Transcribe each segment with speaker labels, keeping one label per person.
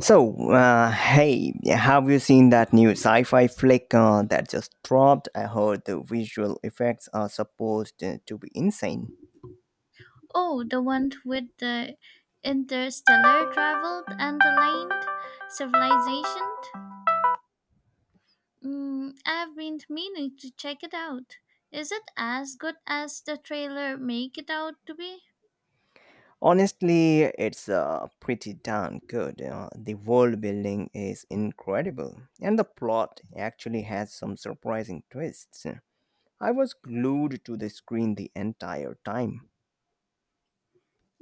Speaker 1: So, hey, have you seen that new sci fi flick that just dropped? I heard the visual effects are supposed to be insane.
Speaker 2: Oh, the one with the interstellar travel and the land civilization? I've been meaning to check it out. Is it as good as the trailer make it out to be?
Speaker 1: Honestly, it's pretty darn good. The world building is incredible, and the plot actually has some surprising twists. I was glued to the screen the entire time.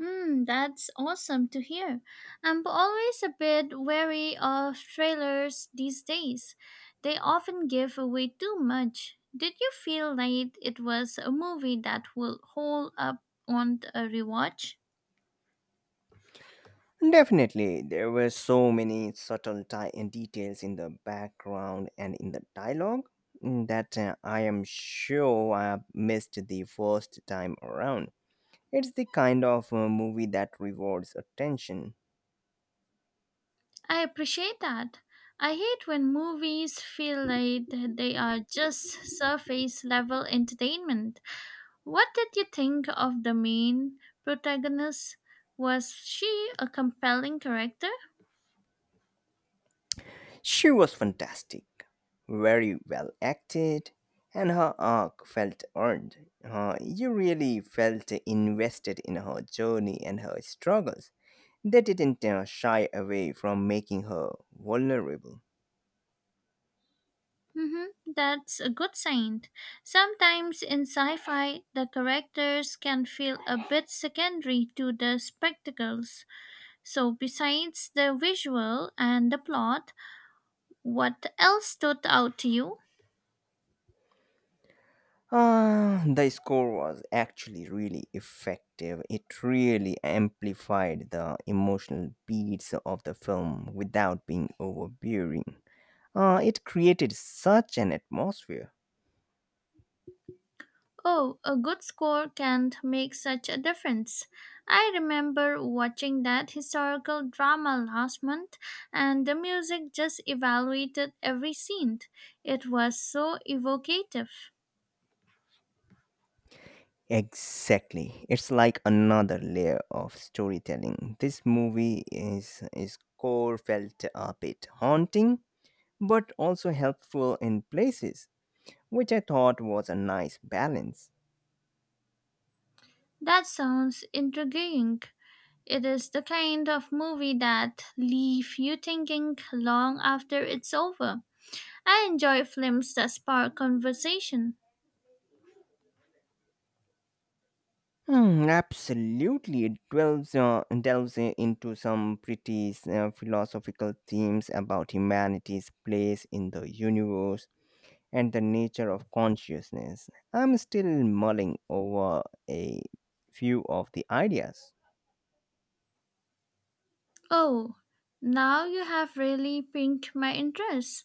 Speaker 2: That's awesome to hear. I'm always a bit wary of trailers these days. They often give away too much. Did you feel like it was a movie that will hold up on a rewatch?
Speaker 1: Definitely, there were so many subtle details in the background and in the dialogue that I am sure I missed the first time around. It's the kind of movie that rewards attention.
Speaker 2: I appreciate that. I hate when movies feel like they are just surface level entertainment. What did you think of the main protagonist? Was she a compelling character?
Speaker 1: She was fantastic, very well acted, and her arc felt earned. You really felt invested in her journey and her struggles. They didn't shy away from making her vulnerable.
Speaker 2: hmm that's a good sign. Sometimes in sci fi, the characters can feel a bit secondary to the spectacles. So, besides the visual and the plot, what else stood out to you?
Speaker 1: The score was actually really effective. It really amplified the emotional beats of the film without being overbearing. It created such an atmosphere.
Speaker 2: Oh, a good score can make such a difference. I remember watching that historical drama last month, and the music just evaluated every scene. It was so evocative.
Speaker 1: Exactly. It's like another layer of storytelling. This movie is core felt a bit haunting, but also helpful in places, which I thought was a nice balance.
Speaker 2: That sounds intriguing. It is the kind of movie that leave you thinking long after it's over. I enjoy films that spark conversation.
Speaker 1: Absolutely, it into some pretty philosophical themes about humanity's place in the universe and the nature of consciousness. I'm still mulling over a few of the ideas.
Speaker 2: Oh, now you have really piqued my interest.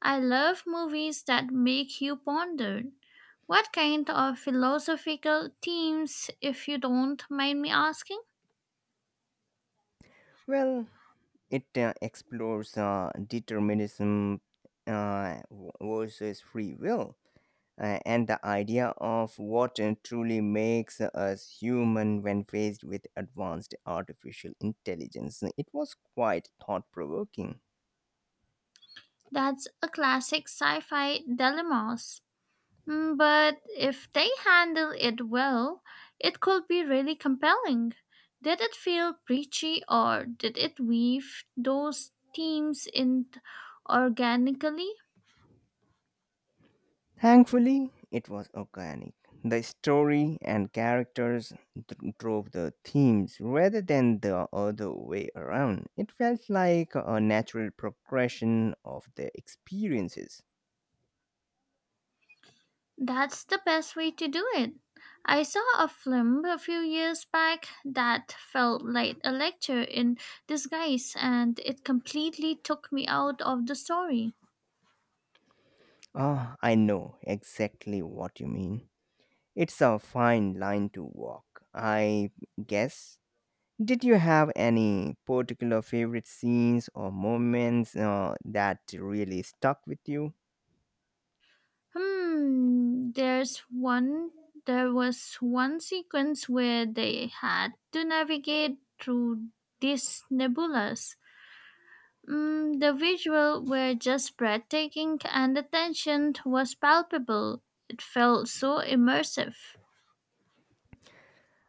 Speaker 2: I love movies that make you ponder. What kind of philosophical themes, if you don't mind me asking?
Speaker 1: Well, it explores determinism versus free will and the idea of what truly makes us human when faced with advanced artificial intelligence. It was quite thought provoking.
Speaker 2: That's a classic sci fi dilemmas. But if they handle it well, it could be really compelling. Did it feel preachy or did it weave those themes in organically?
Speaker 1: Thankfully, it was organic. The story and characters drove the themes rather than the other way around. It felt like a natural progression of their experiences.
Speaker 2: That's the best way to do it. I saw a film a few years back that felt like a lecture in disguise and it completely took me out of the story.
Speaker 1: I know exactly what you mean. It's a fine line to walk, I guess. Did you have any particular favorite scenes or moments that really stuck with you?
Speaker 2: Hmm, there was one sequence where they had to navigate through these nebulas. The visuals were just breathtaking and the tension was palpable. It felt so immersive.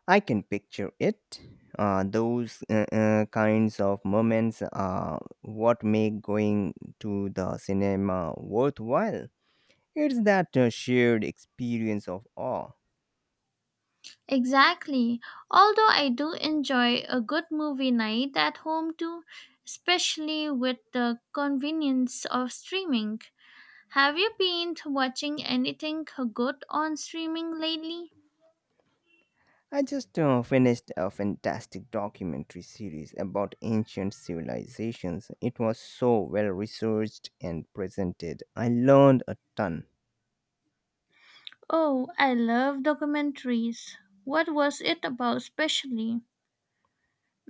Speaker 1: I can picture it. Those kinds of moments are what make going to the cinema worthwhile. It's that shared experience of awe.
Speaker 2: Exactly. Although I do enjoy a good movie night at home too, especially with the convenience of streaming. Have you been watching anything good on streaming lately?
Speaker 1: I just finished a fantastic documentary series about ancient civilizations. It was so well researched and presented. I learned a ton.
Speaker 2: Oh, I love documentaries. What was it about specially?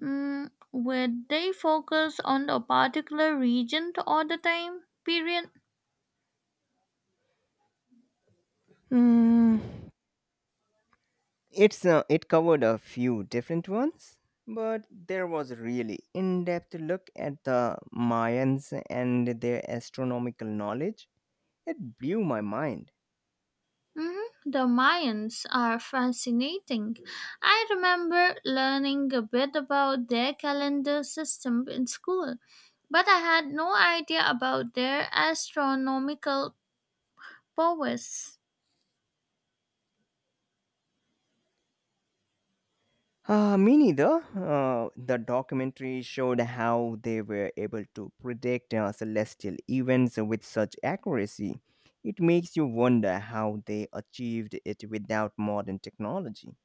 Speaker 2: Would they focus on a particular region all the time? Period.
Speaker 1: Hmm. It's it covered a few different ones, but there was a really in-depth look at the Mayans and their astronomical knowledge. It blew my mind.
Speaker 2: Mhm. The Mayans are fascinating. I remember learning a bit about their calendar system in school, but I had no idea about their astronomical powers.
Speaker 1: Me neither. The documentary showed how they were able to predict celestial events with such accuracy. It makes you wonder how they achieved it without modern technology.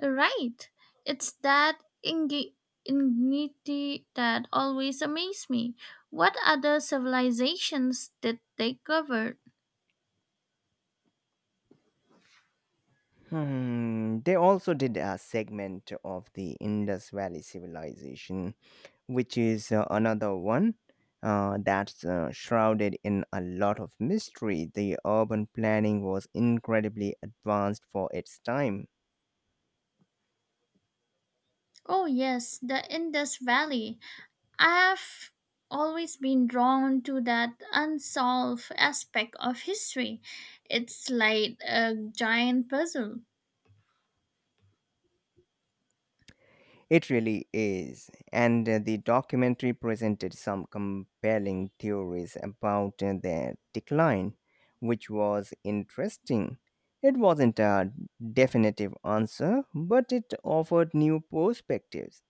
Speaker 2: Right. It's that ingenuity that always amazed me. What other civilizations did they cover?
Speaker 1: They also did a segment of the Indus Valley civilization, which is another one that's shrouded in a lot of mystery. The urban planning was incredibly advanced for its time.
Speaker 2: Oh, yes, the Indus Valley. I have always been drawn to that unsolved aspect of history. It's like a giant puzzle.
Speaker 1: It really is. And the documentary presented some compelling theories about their decline, which was interesting. It wasn't a definitive answer, but it offered new perspectives.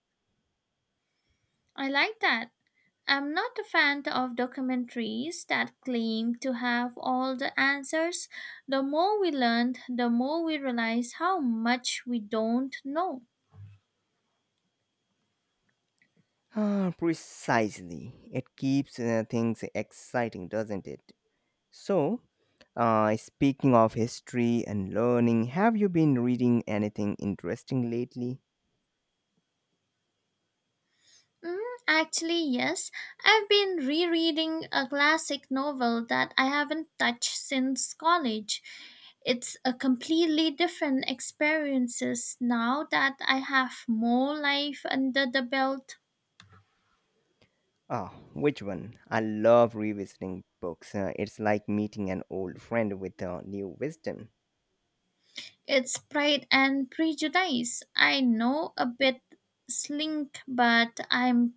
Speaker 2: I like that. I'm not a fan of documentaries that claim to have all the answers. The more we learn, the more we realize how much we don't know.
Speaker 1: Precisely. It keeps things exciting, doesn't it? So, speaking of history and learning, have you been reading anything interesting lately?
Speaker 2: Mm, actually, yes. I've been rereading a classic novel that I haven't touched since college. It's a completely different experiences now that I have more life under the belt.
Speaker 1: Which one? I love revisiting books. It's like meeting an old friend with new wisdom.
Speaker 2: It's Pride and Prejudice. I know a bit slink, but I'm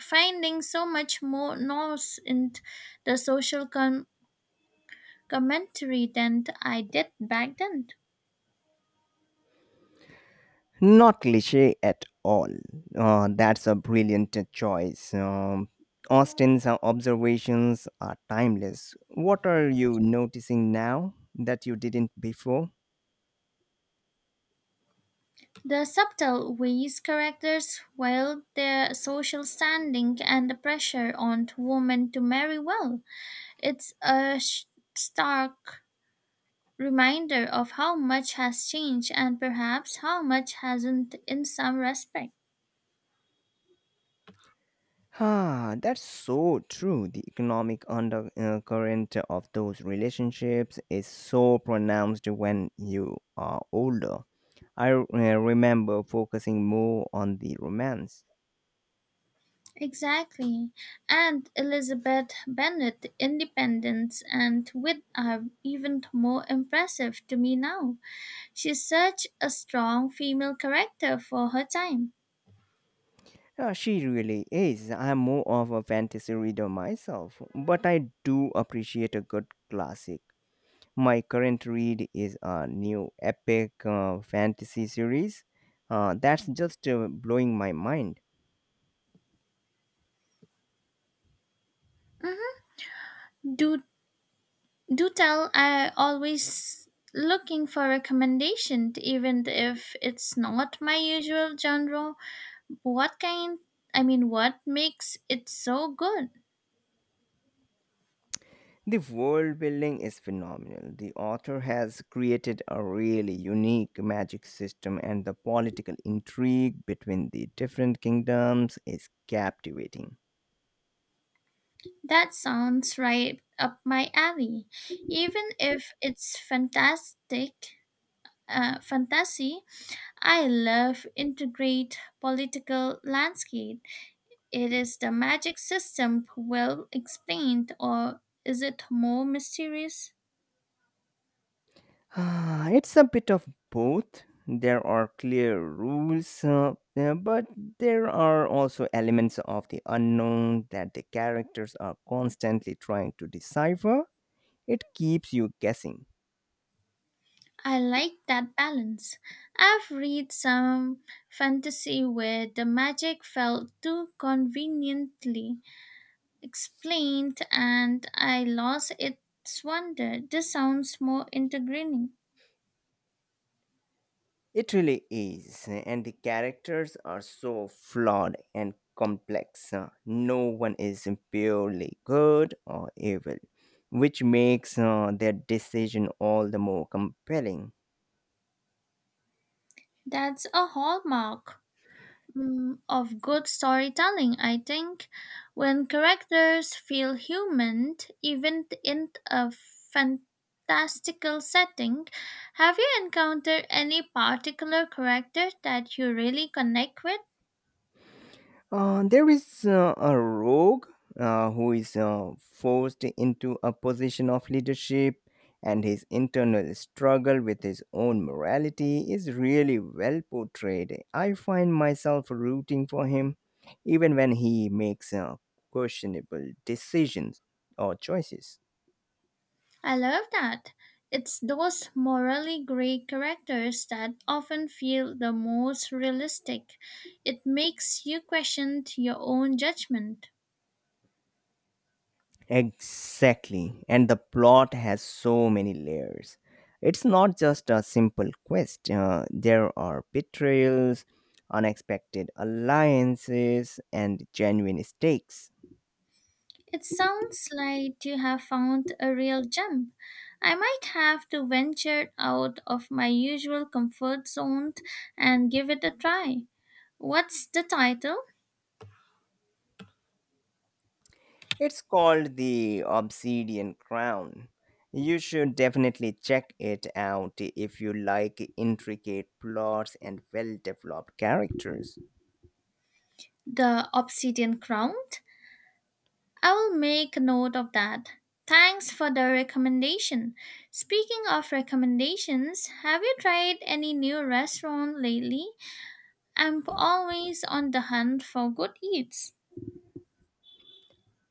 Speaker 2: finding so much more nuance in the commentary than I did back then.
Speaker 1: Not cliche at all. That's a brilliant choice. Austin's observations are timeless. What are you noticing now that you didn't before?
Speaker 2: The subtle ways characters wield their social standing and the pressure on women to marry well. It's a stark reminder of how much has changed and perhaps how much hasn't in some respect.
Speaker 1: That's so true. The economic undercurrent of those relationships is so pronounced when you are older. I remember focusing more on the romance.
Speaker 2: Exactly. And Elizabeth Bennet's independence and wit are even more impressive to me now. She's such a strong female character for her time.
Speaker 1: Yeah, she really is. I'm more of a fantasy reader myself, but I do appreciate a good classic. My current read is a new epic fantasy series that's just blowing my mind.
Speaker 2: Mhm. Do Do tell, I always looking for recommendation, even if it's not my usual genre. What kind? I mean, what makes it so good?
Speaker 1: The world building is phenomenal. The author has created a really unique magic system, and the political intrigue between the different kingdoms is captivating.
Speaker 2: That sounds right up my alley. Even if it's fantasy, I love integrate political landscape. It is the magic system well explained, or is it more mysterious?
Speaker 1: It's a bit of both. There are clear rules, but there are also elements of the unknown that the characters are constantly trying to decipher. It keeps you guessing.
Speaker 2: I like that balance. I've read some fantasy where the magic felt too conveniently explained and I lost its wonder. This sounds more integrating.
Speaker 1: It really is, and the characters are so flawed and complex. No one is purely good or evil, which makes their decision all the more compelling.
Speaker 2: That's a hallmark. Of good storytelling, I think. When characters feel human, even in a fantastical setting, have you encountered any particular character that you really connect with?
Speaker 1: There is a rogue who is forced into a position of leadership, and his internal struggle with his own morality is really well portrayed. I find myself rooting for him even when he makes questionable decisions or choices.
Speaker 2: I love that. It's those morally gray characters that often feel the most realistic. It makes you question your own judgment.
Speaker 1: Exactly. And the plot has so many layers. It's not just a simple quest, there are betrayals, unexpected alliances, and genuine stakes.
Speaker 2: It sounds like you have found a real gem. I might have to venture out of my usual comfort zone and give it a try. What's the title?
Speaker 1: It's called the Obsidian Crown. You should definitely check it out if you like intricate plots and well developed characters.
Speaker 2: The Obsidian Crown? I will make a note of that. Thanks for the recommendation. Speaking of recommendations, have you tried any new restaurant lately? I'm always on the hunt for good eats.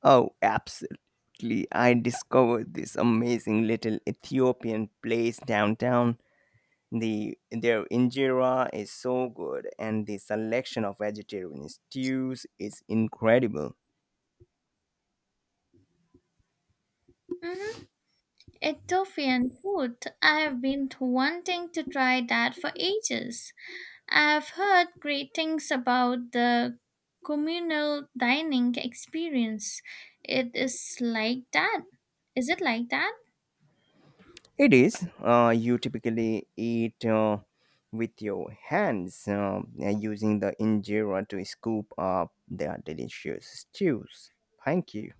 Speaker 1: Oh, absolutely. I discovered this amazing little Ethiopian place downtown. The their injera is so good and the selection of vegetarian stews is incredible.
Speaker 2: Mhm. Ethiopian food. I have been wanting to try that for ages. I have heard great things about the communal dining experience. It is like that. Is it like that?
Speaker 1: It is. You typically eat with your hands, and using the injera to scoop up their delicious stews. Thank you.